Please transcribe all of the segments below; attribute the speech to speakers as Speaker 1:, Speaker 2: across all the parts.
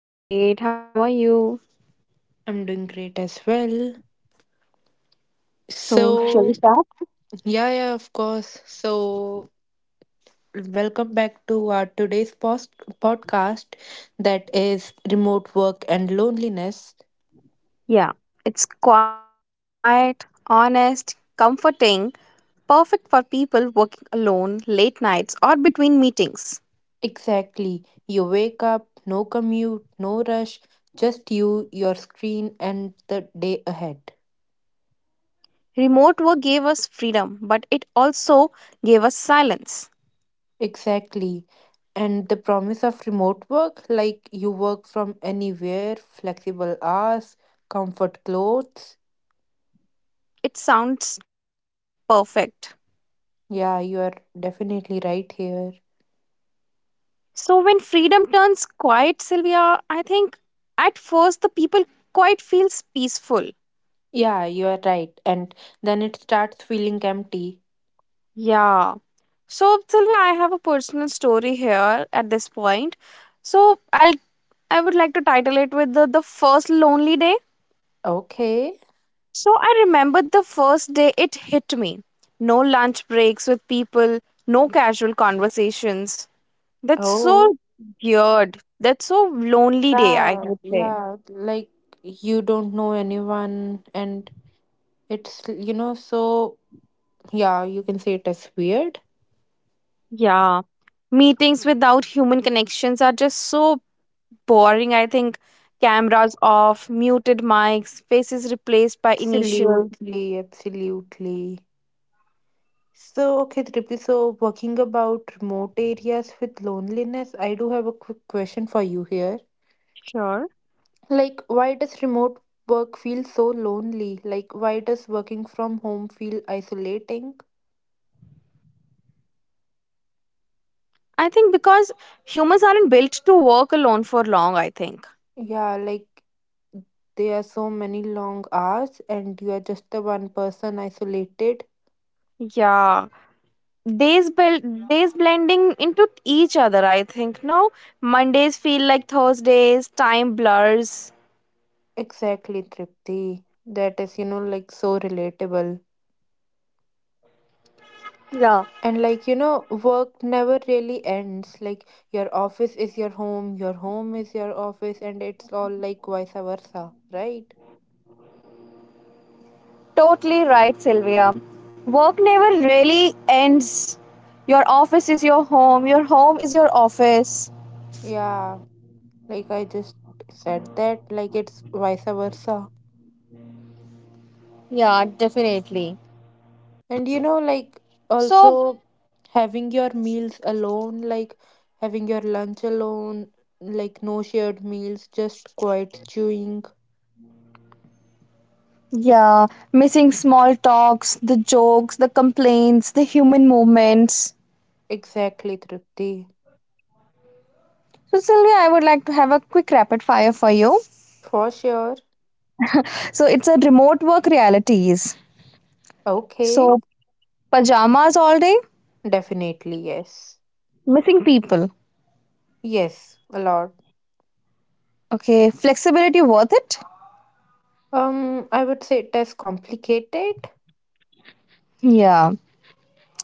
Speaker 1: I'm great. How are you?
Speaker 2: I'm doing great as well.
Speaker 1: So, shall we
Speaker 2: So,
Speaker 1: start?
Speaker 2: yeah, yeah, of course. So, welcome back to our today's podcast that is remote work and loneliness.
Speaker 1: Yeah, it's quiet, honest, comforting, perfect for people working alone, late nights, or between meetings.
Speaker 2: Exactly. You wake up, no commute, no rush, just you, your screen, and the day ahead.
Speaker 1: Remote work gave us freedom, but it also gave us silence.
Speaker 2: Exactly. And the promise of remote work, like you work from anywhere, flexible hours, comfort clothes.
Speaker 1: It sounds perfect.
Speaker 2: Yeah, you are definitely right here.
Speaker 1: So, when freedom turns quiet, Sylvia, I think at first the people quite feels peaceful.
Speaker 2: Yeah, you are right. And then it starts feeling empty.
Speaker 1: Yeah. So tell me, I have a personal story here at this point. So I'll I would like to title it with the first lonely day.
Speaker 2: Okay.
Speaker 1: So I remembered the first day it hit me. No lunch breaks with people, no casual conversations. That's so
Speaker 2: Oh.
Speaker 1: weird. That's so lonely day, I
Speaker 2: Yeah,
Speaker 1: would say.
Speaker 2: yeah. Like you don't know anyone, and it's, so yeah, you can say it as weird.
Speaker 1: Yeah. Meetings without human connections are just so boring. I think cameras off, muted mics, faces replaced by initials.
Speaker 2: Absolutely, absolutely. So, okay, Tripti, so working about remote areas with loneliness, I do have a quick question for you here.
Speaker 1: Sure.
Speaker 2: Like, why does remote work feel so lonely? Like, why does working from home feel isolating?
Speaker 1: I think because humans aren't built to work alone for long, I think.
Speaker 2: Yeah, like there are so many long hours and you are just the one person isolated.
Speaker 1: Yeah. Days bel- Days blending into each other, I think. No, Mondays feel like Thursdays, time blurs.
Speaker 2: Exactly, Tripti. That is, you know, like so relatable.
Speaker 1: Yeah,
Speaker 2: And like, you know, work never really ends. Like, your office is your home is your office, and it's all like vice versa, right?
Speaker 1: totally right, Sylvia. Work never really ends. Your office is your home is your office.
Speaker 2: Yeah. Like I just said that, like it's vice versa.
Speaker 1: Yeah, definitely.
Speaker 2: And you know, like also having your meals alone, like having your lunch alone, like no shared meals, just quiet chewing.
Speaker 3: Yeah, missing small talks, the jokes, the complaints, the human movements.
Speaker 2: Exactly, Tripti.
Speaker 3: So, Sylvia, I would like to have a quick rapid fire for you.
Speaker 2: For sure.
Speaker 3: So, it's a remote work realities.
Speaker 2: Okay.
Speaker 3: So, pajamas all day,
Speaker 2: Definitely yes.
Speaker 3: missing people.
Speaker 2: Yes, a lot.
Speaker 3: Okay, flexibility worth it?
Speaker 2: Um, I would say it is complicated.
Speaker 3: Yeah.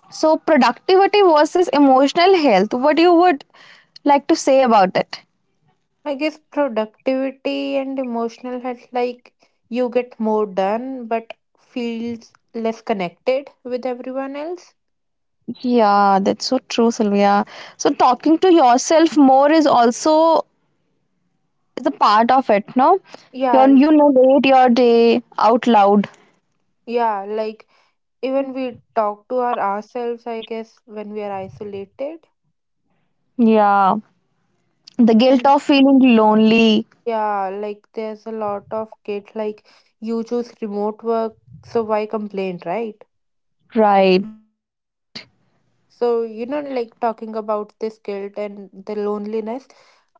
Speaker 3: So, productivity versus emotional health. What you would like to say about it?
Speaker 2: I guess productivity and emotional health, like you get more done but feels less connected with everyone else.
Speaker 3: Yeah, that's so true, Sylvia. So, talking to yourself more is also it's a part of it, no? you
Speaker 2: Yeah,
Speaker 3: you narrate your day out loud.
Speaker 2: yeah, like even we talk to ourselves, I guess, when we are isolated.
Speaker 3: Yeah, the guilt
Speaker 2: And
Speaker 3: of feeling lonely.
Speaker 2: yeah, like there's a lot of kid, like you choose remote work, so why complain, right?
Speaker 3: Right.
Speaker 2: So, you know, like talking about this guilt and the loneliness,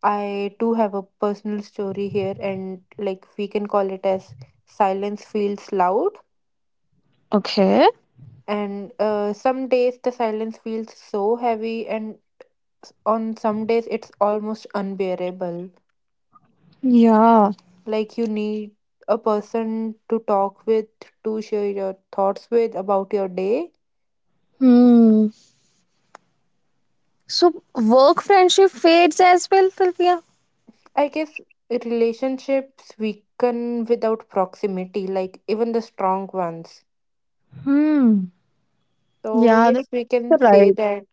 Speaker 2: I do have a personal story here, and like we can call it as silence feels loud.
Speaker 3: Okay.
Speaker 2: And some days the silence feels so heavy, and on some days it's almost unbearable.
Speaker 3: Yeah.
Speaker 2: Like you need a person to talk with, to share your thoughts with about your day.
Speaker 3: Hmm. So work friendship fades as well, Sylvia.
Speaker 2: I guess relationships weaken without proximity, like even the strong ones.
Speaker 3: Hmm.
Speaker 2: So
Speaker 3: Yeah,
Speaker 2: yes, we can
Speaker 3: that's
Speaker 2: say
Speaker 3: right.
Speaker 2: that.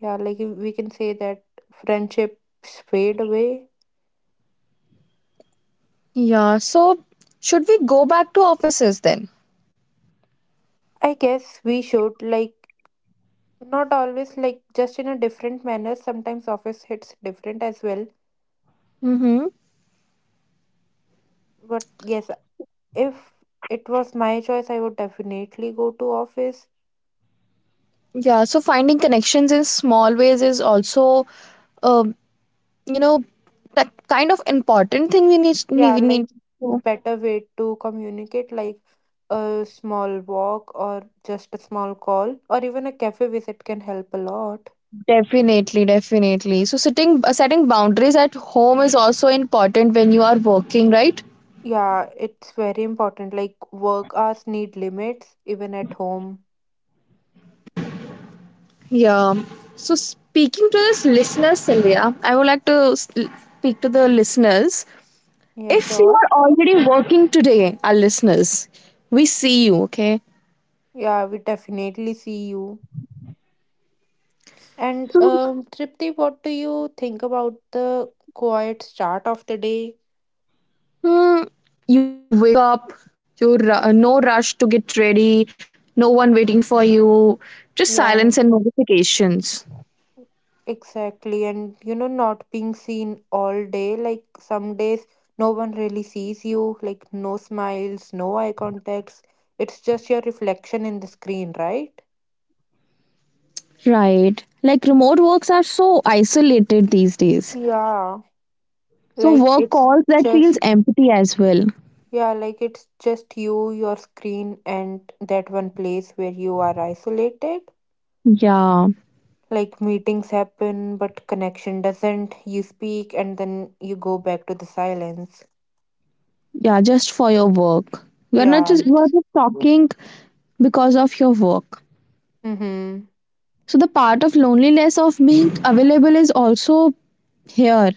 Speaker 2: Yeah, like we can say that friendships fade away.
Speaker 3: Yeah, so should we go back to offices then?
Speaker 2: I guess we should, like not always, like just in a different manner. Sometimes office hits different as well.
Speaker 3: Mm-hmm.
Speaker 2: But yes, if it was my choice, I would definitely go to office.
Speaker 3: Yeah, so finding connections in small ways is also, uh, you know, that kind of important thing we need
Speaker 2: Yeah,
Speaker 3: we
Speaker 2: like
Speaker 3: need
Speaker 2: better way to communicate, like a small walk or just a small call or even a cafe visit can help a lot.
Speaker 3: Definitely, definitely. So sitting setting boundaries at home is also important when you are working, right?
Speaker 2: Yeah, it's very important. Like work hours need limits even at home.
Speaker 3: Yeah. So speaking to this listeners, Sylvia, I would like to speak to the listeners.
Speaker 2: Yeah,
Speaker 3: If you
Speaker 2: sure.
Speaker 3: are already working today, our listeners, we see you, okay?
Speaker 2: Yeah, we definitely see you. And
Speaker 3: So
Speaker 2: Tripti, what do you think about the quiet start of the day?
Speaker 3: hmm, you wake up, no rush to get ready, no one waiting for you, just
Speaker 2: Yeah,
Speaker 3: silence and notifications.
Speaker 2: exactly. And you know, not being seen all day. Like some days, no one really sees you. Like no smiles, no eye contacts. It's just your reflection in the screen, right?
Speaker 3: Right. Like remote works are so isolated these days.
Speaker 2: Yeah,
Speaker 3: So
Speaker 2: like
Speaker 3: work
Speaker 2: it's
Speaker 3: calls that
Speaker 2: just
Speaker 3: feels empty as well.
Speaker 2: Yeah, like it's just you, your screen, and that one place where you are isolated.
Speaker 3: Yeah.
Speaker 2: Like meetings happen, but connection doesn't. You speak, and then you go back to the silence.
Speaker 3: Yeah, just for your work. You are not
Speaker 2: Yeah.
Speaker 3: just you are just talking because of your work.
Speaker 2: Mm-hmm.
Speaker 3: So the part of loneliness of being available is also here.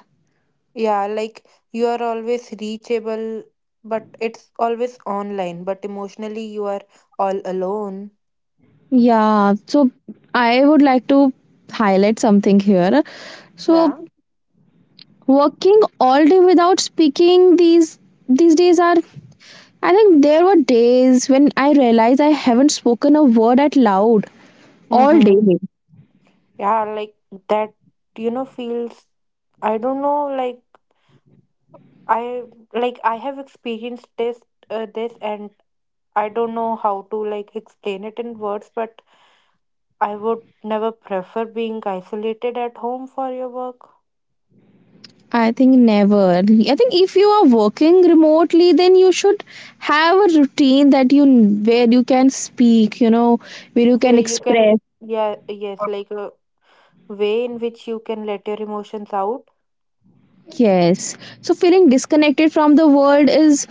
Speaker 2: Yeah, like you are always reachable, but it's always online, but emotionally you are all alone.
Speaker 3: Yeah. So I would like to highlight something here. So
Speaker 2: Yeah.
Speaker 3: working all day without speaking these days are, I think there were days when I realized I haven't spoken a word out loud all day.
Speaker 2: Mm-hmm. Yeah, like that, you know, feels, I don't know, like. I Like I have experienced this and I don't know how to like explain it in words, but I would never prefer being isolated at home for your work
Speaker 3: I think never. I think if you are working remotely, then you should have a routine that you, where you can speak, you know, where you can
Speaker 2: where you can,
Speaker 3: express.
Speaker 2: yeah, yes, like a way in which you can let your emotions out.
Speaker 3: Yes. So feeling disconnected from the world is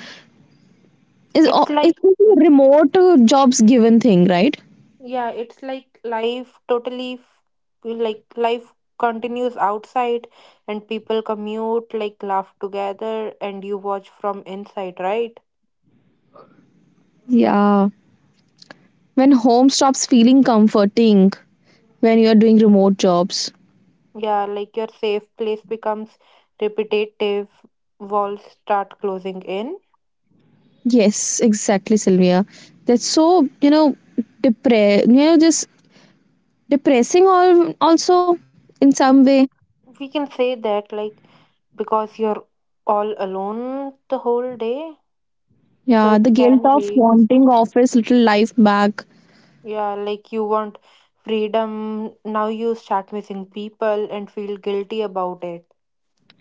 Speaker 3: is o-
Speaker 2: It's
Speaker 3: is
Speaker 2: like,
Speaker 3: a remote jobs given thing, right?
Speaker 2: yeah, it's like life totally like life continues outside and people commute, like laugh together and you watch from inside, right?
Speaker 3: Yeah. When home stops feeling comforting when you are doing remote jobs.
Speaker 2: Yeah, like your safe place becomes repetitive, walls start closing in.
Speaker 3: Yes, exactly, Sylvia. That's so, you know, depre you know, just depressing or also in some way.
Speaker 2: We can say that, like, because you're all alone the whole day. So
Speaker 3: Yeah,
Speaker 2: it
Speaker 3: the guilt
Speaker 2: can
Speaker 3: of
Speaker 2: be,
Speaker 3: wanting office little life back.
Speaker 2: yeah, like you want freedom. Now you start missing people and feel guilty about it.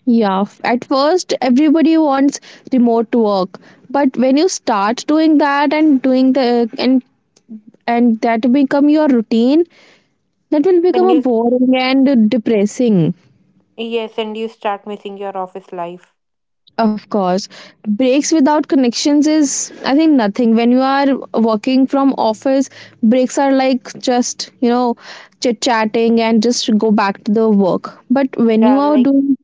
Speaker 3: Yeah, at first everybody wants remote work, but when you start doing that and doing the and that become your routine, that will become
Speaker 2: Then
Speaker 3: a
Speaker 2: you,
Speaker 3: boring and depressing.
Speaker 2: yes, and you start missing your office life.
Speaker 3: Of course, breaks without connections is, I think, nothing. When you are working from office, breaks are like, just, you know, chit chatting and just go back to the work. But when you
Speaker 2: Yeah,
Speaker 3: are
Speaker 2: like
Speaker 3: doing,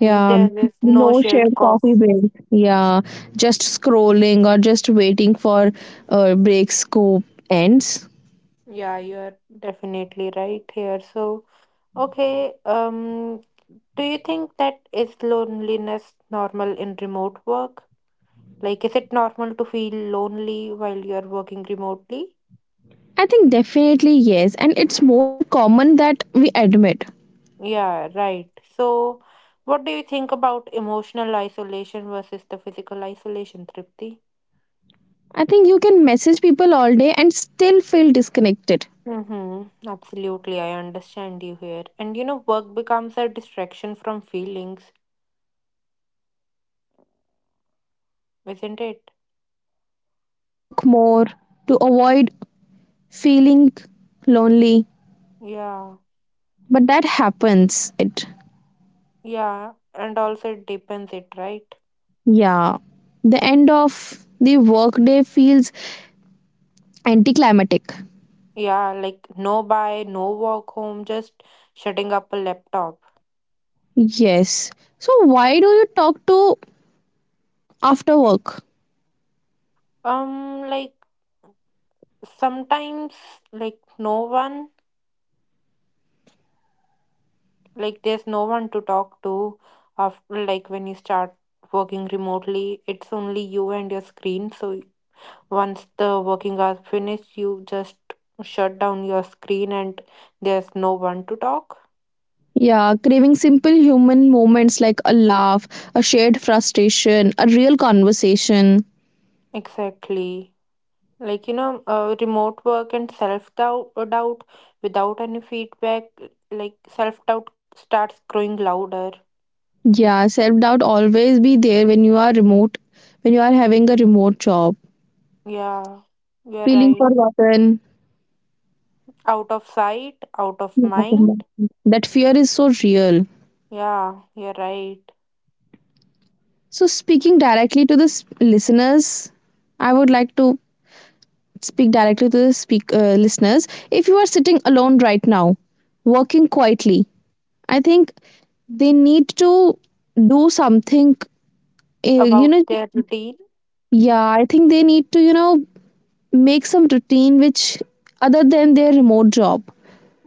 Speaker 3: yeah,
Speaker 2: is no
Speaker 3: no shared
Speaker 2: shared coffee.
Speaker 3: coffee breaks. Yeah, just scrolling or just waiting for breaks go ends.
Speaker 2: Yeah, you're definitely right here. So, okay, do you think that is loneliness normal in remote work? Like, is it normal to feel lonely while you're working remotely?
Speaker 3: I think definitely yes, and it's more common that we admit.
Speaker 2: Yeah, right. So, what do you think about emotional isolation versus the physical isolation, Tripti?
Speaker 3: I think you can message people all day and still feel disconnected.
Speaker 2: Mm-hmm. Absolutely, I understand you here. And you know, work becomes a distraction from feelings,
Speaker 3: I think work becomes direction
Speaker 2: isn't
Speaker 3: from
Speaker 2: it?
Speaker 3: feelings. You work more to avoid feeling lonely,
Speaker 2: Yeah.
Speaker 3: but that happens. It
Speaker 2: Yeah, and also it depends it, right?
Speaker 3: yeah, the end of the workday feels anticlimactic.
Speaker 2: Yeah, like no buy, no walk home, just shutting up a laptop.
Speaker 3: Yes. So why do you talk to after work?
Speaker 2: Like sometimes like no one, like there's no one to talk to after, like when you start working remotely, it's only you and your screen. So once the working hours finish, you just shut down your screen and there's no one to talk.
Speaker 3: Yeah, craving simple human moments like a laugh, a shared frustration, a real conversation.
Speaker 2: Exactly. Like you know remote work and self doubt without any feedback, like self doubt starts growing louder.
Speaker 3: Yeah, self doubt always be there when you are remote, when you are having a remote job,
Speaker 2: Yeah, you're
Speaker 3: feeling
Speaker 2: right.
Speaker 3: forgotten.
Speaker 2: Out of sight, out of
Speaker 3: Yeah,
Speaker 2: mind.
Speaker 3: that fear is so real.
Speaker 2: Yeah, you're right.
Speaker 3: So, speaking directly to the listeners, I would like to speak directly to the listeners. If you are sitting alone right now, working quietly, I think they need to do something. You
Speaker 2: About
Speaker 3: know,
Speaker 2: their routine.
Speaker 3: yeah, I think they need to, you know, make some routine which other than their remote job.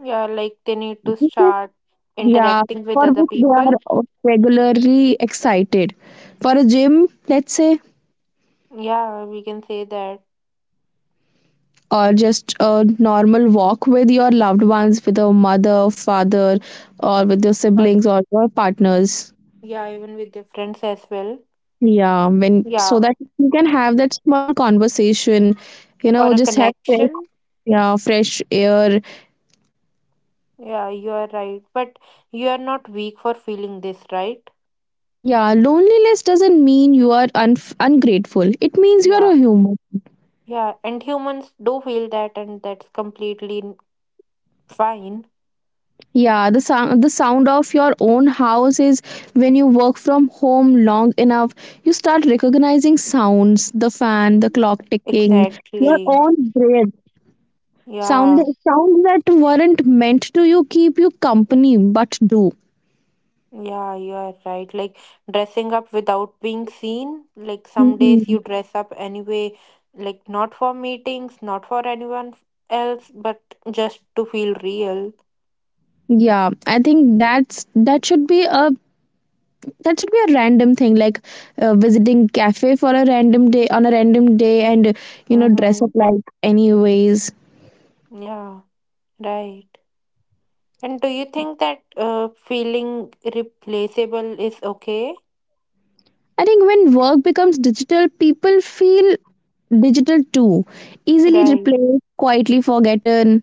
Speaker 2: Yeah, like they need to start
Speaker 3: Yeah,
Speaker 2: interacting with
Speaker 3: for
Speaker 2: other
Speaker 3: which they are
Speaker 2: people.
Speaker 3: regularly excited. For a gym, let's say,
Speaker 2: Yeah, we can say that.
Speaker 3: or just a normal walk with your loved ones, with your mother, father, or with your
Speaker 2: Or
Speaker 3: siblings or your partners.
Speaker 2: yeah, even with their friends as well.
Speaker 3: Yeah, when,
Speaker 2: Yeah,
Speaker 3: so that you can have that small conversation, you
Speaker 2: or
Speaker 3: know,
Speaker 2: a
Speaker 3: just have fresh,
Speaker 2: connection.
Speaker 3: yeah, fresh air.
Speaker 2: Yeah, you are right. But you are not weak for feeling this, right?
Speaker 3: Yeah, loneliness doesn't mean you are ungrateful. It means you are
Speaker 2: Yeah.
Speaker 3: a human.
Speaker 2: Yeah, and humans do feel that, and that's completely fine.
Speaker 3: Yeah, the sound of your own house is, when you work from home long enough, you start recognizing sounds, the fan, the clock ticking, your
Speaker 2: Exactly.
Speaker 3: own breath. Sound
Speaker 2: Yeah,
Speaker 3: sounds that weren't meant to you keep you company but do.
Speaker 2: yeah, you are right. Like dressing up without being seen. Like some days
Speaker 3: Mhm.
Speaker 2: you dress up anyway, like not for meetings, not for else, but just to feel real.
Speaker 3: Yeah, I think that's, that should be a random thing, like visiting cafe for a random day on a random day and, you know, dress
Speaker 2: Mm-hmm.
Speaker 3: up like anyways.
Speaker 2: Yeah, right. And do you think that feeling replaceable is okay?
Speaker 3: I think when work becomes digital, people feel digital too, easily
Speaker 2: Right,
Speaker 3: replaced, quietly forgotten.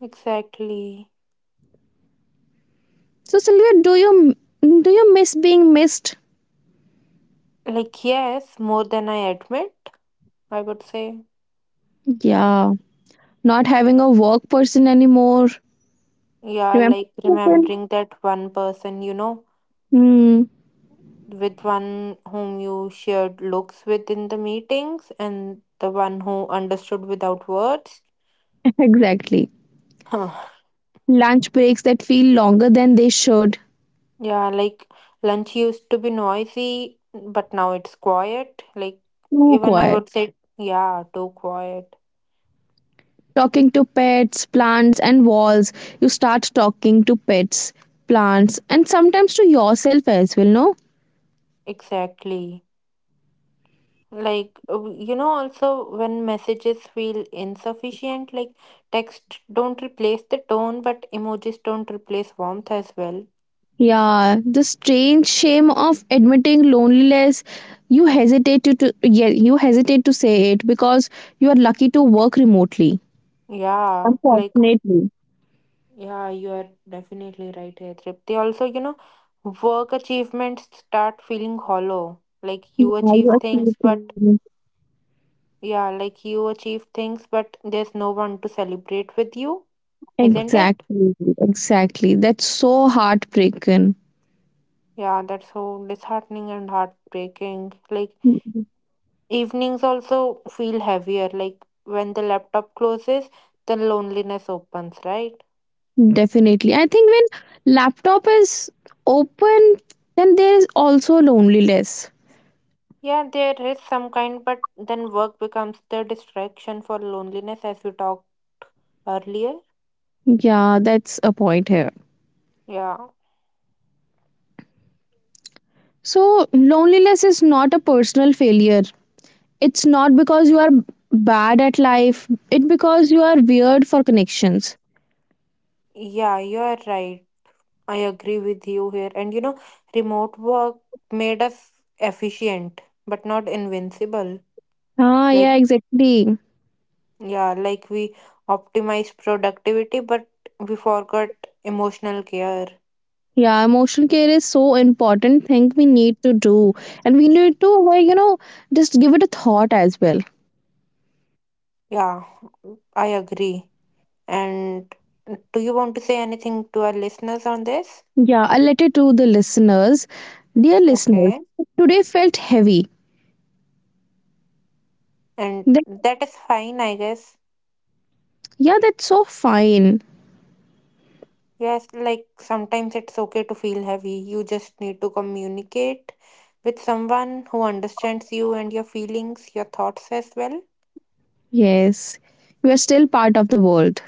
Speaker 2: exactly.
Speaker 3: So, Sylvia, do you miss being missed?
Speaker 2: Like, yes, more than I admit, I would say.
Speaker 3: Yeah, not having a work person anymore.
Speaker 2: Yeah,
Speaker 3: Remember
Speaker 2: like
Speaker 3: that person?
Speaker 2: remembering that one person, you know,
Speaker 3: Hmm,
Speaker 2: with one whom you shared looks with in the meetings and the one who understood without words.
Speaker 3: exactly.
Speaker 2: Huh.
Speaker 3: Lunch breaks that feel longer than they should.
Speaker 2: Yeah, like lunch used to be noisy, but now it's quiet. Like,
Speaker 3: Too
Speaker 2: even I
Speaker 3: quiet.
Speaker 2: would say, yeah, too quiet.
Speaker 3: Talking to pets, plants, and walls. You start talking to pets, plants, and sometimes to yourself as well. No.
Speaker 2: Exactly. Like you know also when messages feel insufficient, like text don't replace the tone but emojis don't replace warmth as well.
Speaker 3: Yeah, the strange shame of admitting loneliness. You hesitate to, yeah, you hesitate to say it because you are lucky to work remotely.
Speaker 2: Yeah, like
Speaker 3: Unfortunately.
Speaker 2: yeah, you are definitely right here. They also, you know, work achievements start feeling hollow, like you
Speaker 3: Yeah,
Speaker 2: achieve
Speaker 3: you are
Speaker 2: things but
Speaker 3: sleeping.
Speaker 2: yeah, like you achieve things but there's no one to celebrate with you, isn't it?
Speaker 3: Exactly, exactly. That's so heartbreaking.
Speaker 2: Yeah, that's so disheartening and heartbreaking, like
Speaker 3: Mhm.
Speaker 2: evenings also feel heavier, like when the laptop closes, then loneliness opens, right?
Speaker 3: Definitely. I think when laptop is open, then there is also loneliness.
Speaker 2: Yeah, there is some kind, but then work becomes the distraction for loneliness, as we talked earlier.
Speaker 3: Yeah, that's a point here.
Speaker 2: Yeah,
Speaker 3: So loneliness is not a personal failure. It's not because you are bad at life, it because you are weird for connections.
Speaker 2: yeah, you are right. I agree with you here. And you know, remote work made us efficient, but not invincible.
Speaker 3: Ah,
Speaker 2: Like,
Speaker 3: yeah, exactly.
Speaker 2: yeah, like we optimized productivity, but we forgot emotional care.
Speaker 3: Yeah, emotional care is so important thing we need to do, and we need to, like, you know, just give it a thought as well.
Speaker 2: Yeah, I agree. And do you want to say anything to our listeners on this?
Speaker 3: Yeah, I'll let it to the listeners. Dear
Speaker 2: Okay.
Speaker 3: listeners, today felt heavy.
Speaker 2: And
Speaker 3: That,
Speaker 2: that is fine, I guess.
Speaker 3: yeah, that's so fine.
Speaker 2: Yes, like sometimes it's okay to feel heavy. You just need to communicate with someone who understands you and your feelings, your thoughts as well.
Speaker 3: Yes, you are still part of the world.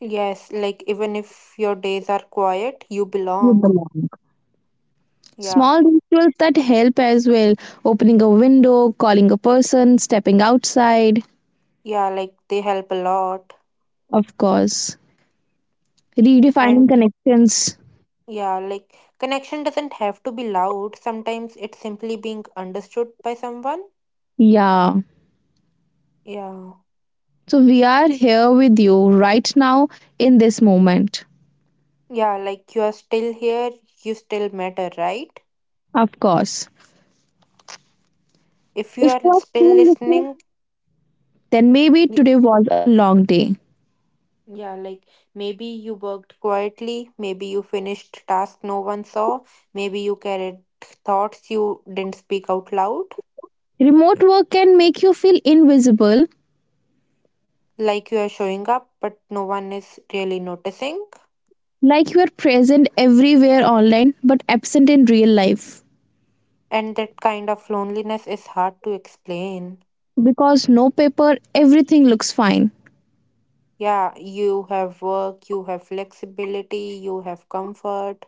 Speaker 2: Yes, like even if your days are quiet, you
Speaker 3: You
Speaker 2: belong.
Speaker 3: belong.
Speaker 2: Yeah.
Speaker 3: Small rituals that help as well, opening a window, calling a person, stepping outside,
Speaker 2: Yeah, like they help a lot.
Speaker 3: of course, redefining
Speaker 2: And
Speaker 3: connections.
Speaker 2: yeah, like connection doesn't have to be loud. Sometimes it's simply being understood by someone.
Speaker 3: Yeah.
Speaker 2: Yeah.
Speaker 3: So we are here with you right now in this moment,
Speaker 2: Yeah, like you are still here, you still matter, right?
Speaker 3: of course.
Speaker 2: If you
Speaker 3: If
Speaker 2: are
Speaker 3: you are
Speaker 2: still
Speaker 3: still listening,
Speaker 2: listening,
Speaker 3: then maybe
Speaker 2: y-
Speaker 3: today was a long day.
Speaker 2: yeah, like maybe you worked quietly, maybe you finished task no one saw, maybe you carried thoughts you didn't speak out loud,
Speaker 3: Remote work can make you feel invisible,
Speaker 2: like you are showing up, but no one is really noticing.
Speaker 3: like you are present everywhere online but absent in real life.
Speaker 2: And that kind of loneliness is hard to explain.
Speaker 3: Because no paper, everything looks fine.
Speaker 2: Yeah, you have work, you have flexibility, you have comfort.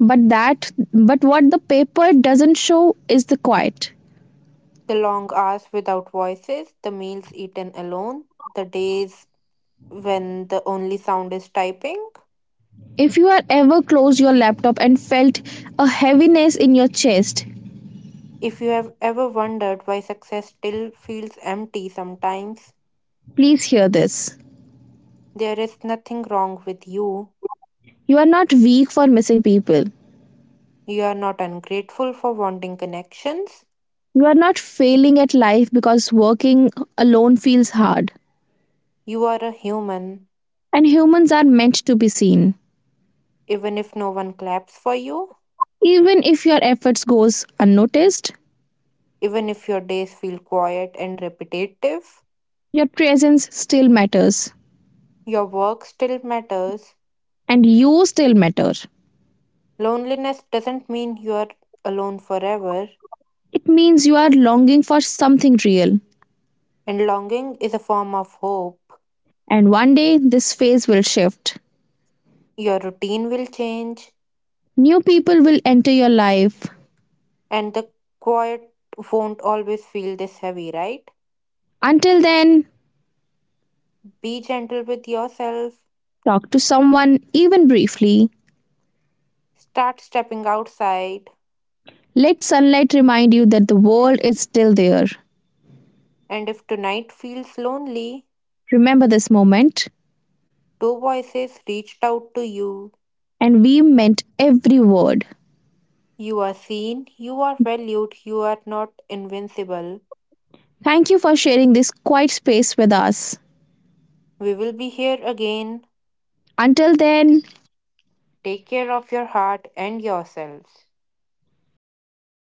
Speaker 3: But that, but what the paper doesn't show is the quiet.
Speaker 2: The long hours without voices, the meals eaten alone, the days when the only sound is typing.
Speaker 3: If you are ever closed your laptop and felt a heaviness in your chest,
Speaker 2: If you have ever wondered why success still feels empty sometimes,
Speaker 3: please hear this,
Speaker 2: there is nothing wrong with you.
Speaker 3: you are not weak for missing people,
Speaker 2: You are not ungrateful for wanting connections.
Speaker 3: you are not failing at life because working alone feels hard,
Speaker 2: You are a human,
Speaker 3: and humans are meant to be seen,
Speaker 2: even if no one claps for you,
Speaker 3: even if your efforts goes unnoticed,
Speaker 2: even if your days feel quiet and repetitive,
Speaker 3: your presence still matters,
Speaker 2: your work still matters.
Speaker 3: and you still matter.
Speaker 2: Loneliness doesn't mean you are alone forever,
Speaker 3: It means you are longing for something real.
Speaker 2: and longing is a form of hope.
Speaker 3: And one day this phase will shift.
Speaker 2: Your routine will change,
Speaker 3: New people will enter your life.
Speaker 2: and the quiet won't always feel this heavy, right?
Speaker 3: Until then,
Speaker 2: Be gentle with yourself.
Speaker 3: talk to someone, even briefly.
Speaker 2: Start stepping outside.
Speaker 3: Let sunlight remind you that the world is still there.
Speaker 2: And if tonight feels lonely,
Speaker 3: Remember this moment,
Speaker 2: two voices reached out to you.
Speaker 3: and we meant every word.
Speaker 2: You are seen, you are valued, you are not invincible.
Speaker 3: Thank you for sharing this quiet space with us.
Speaker 2: We will be here again.
Speaker 3: Until then,
Speaker 2: Take care of your heart and yourselves.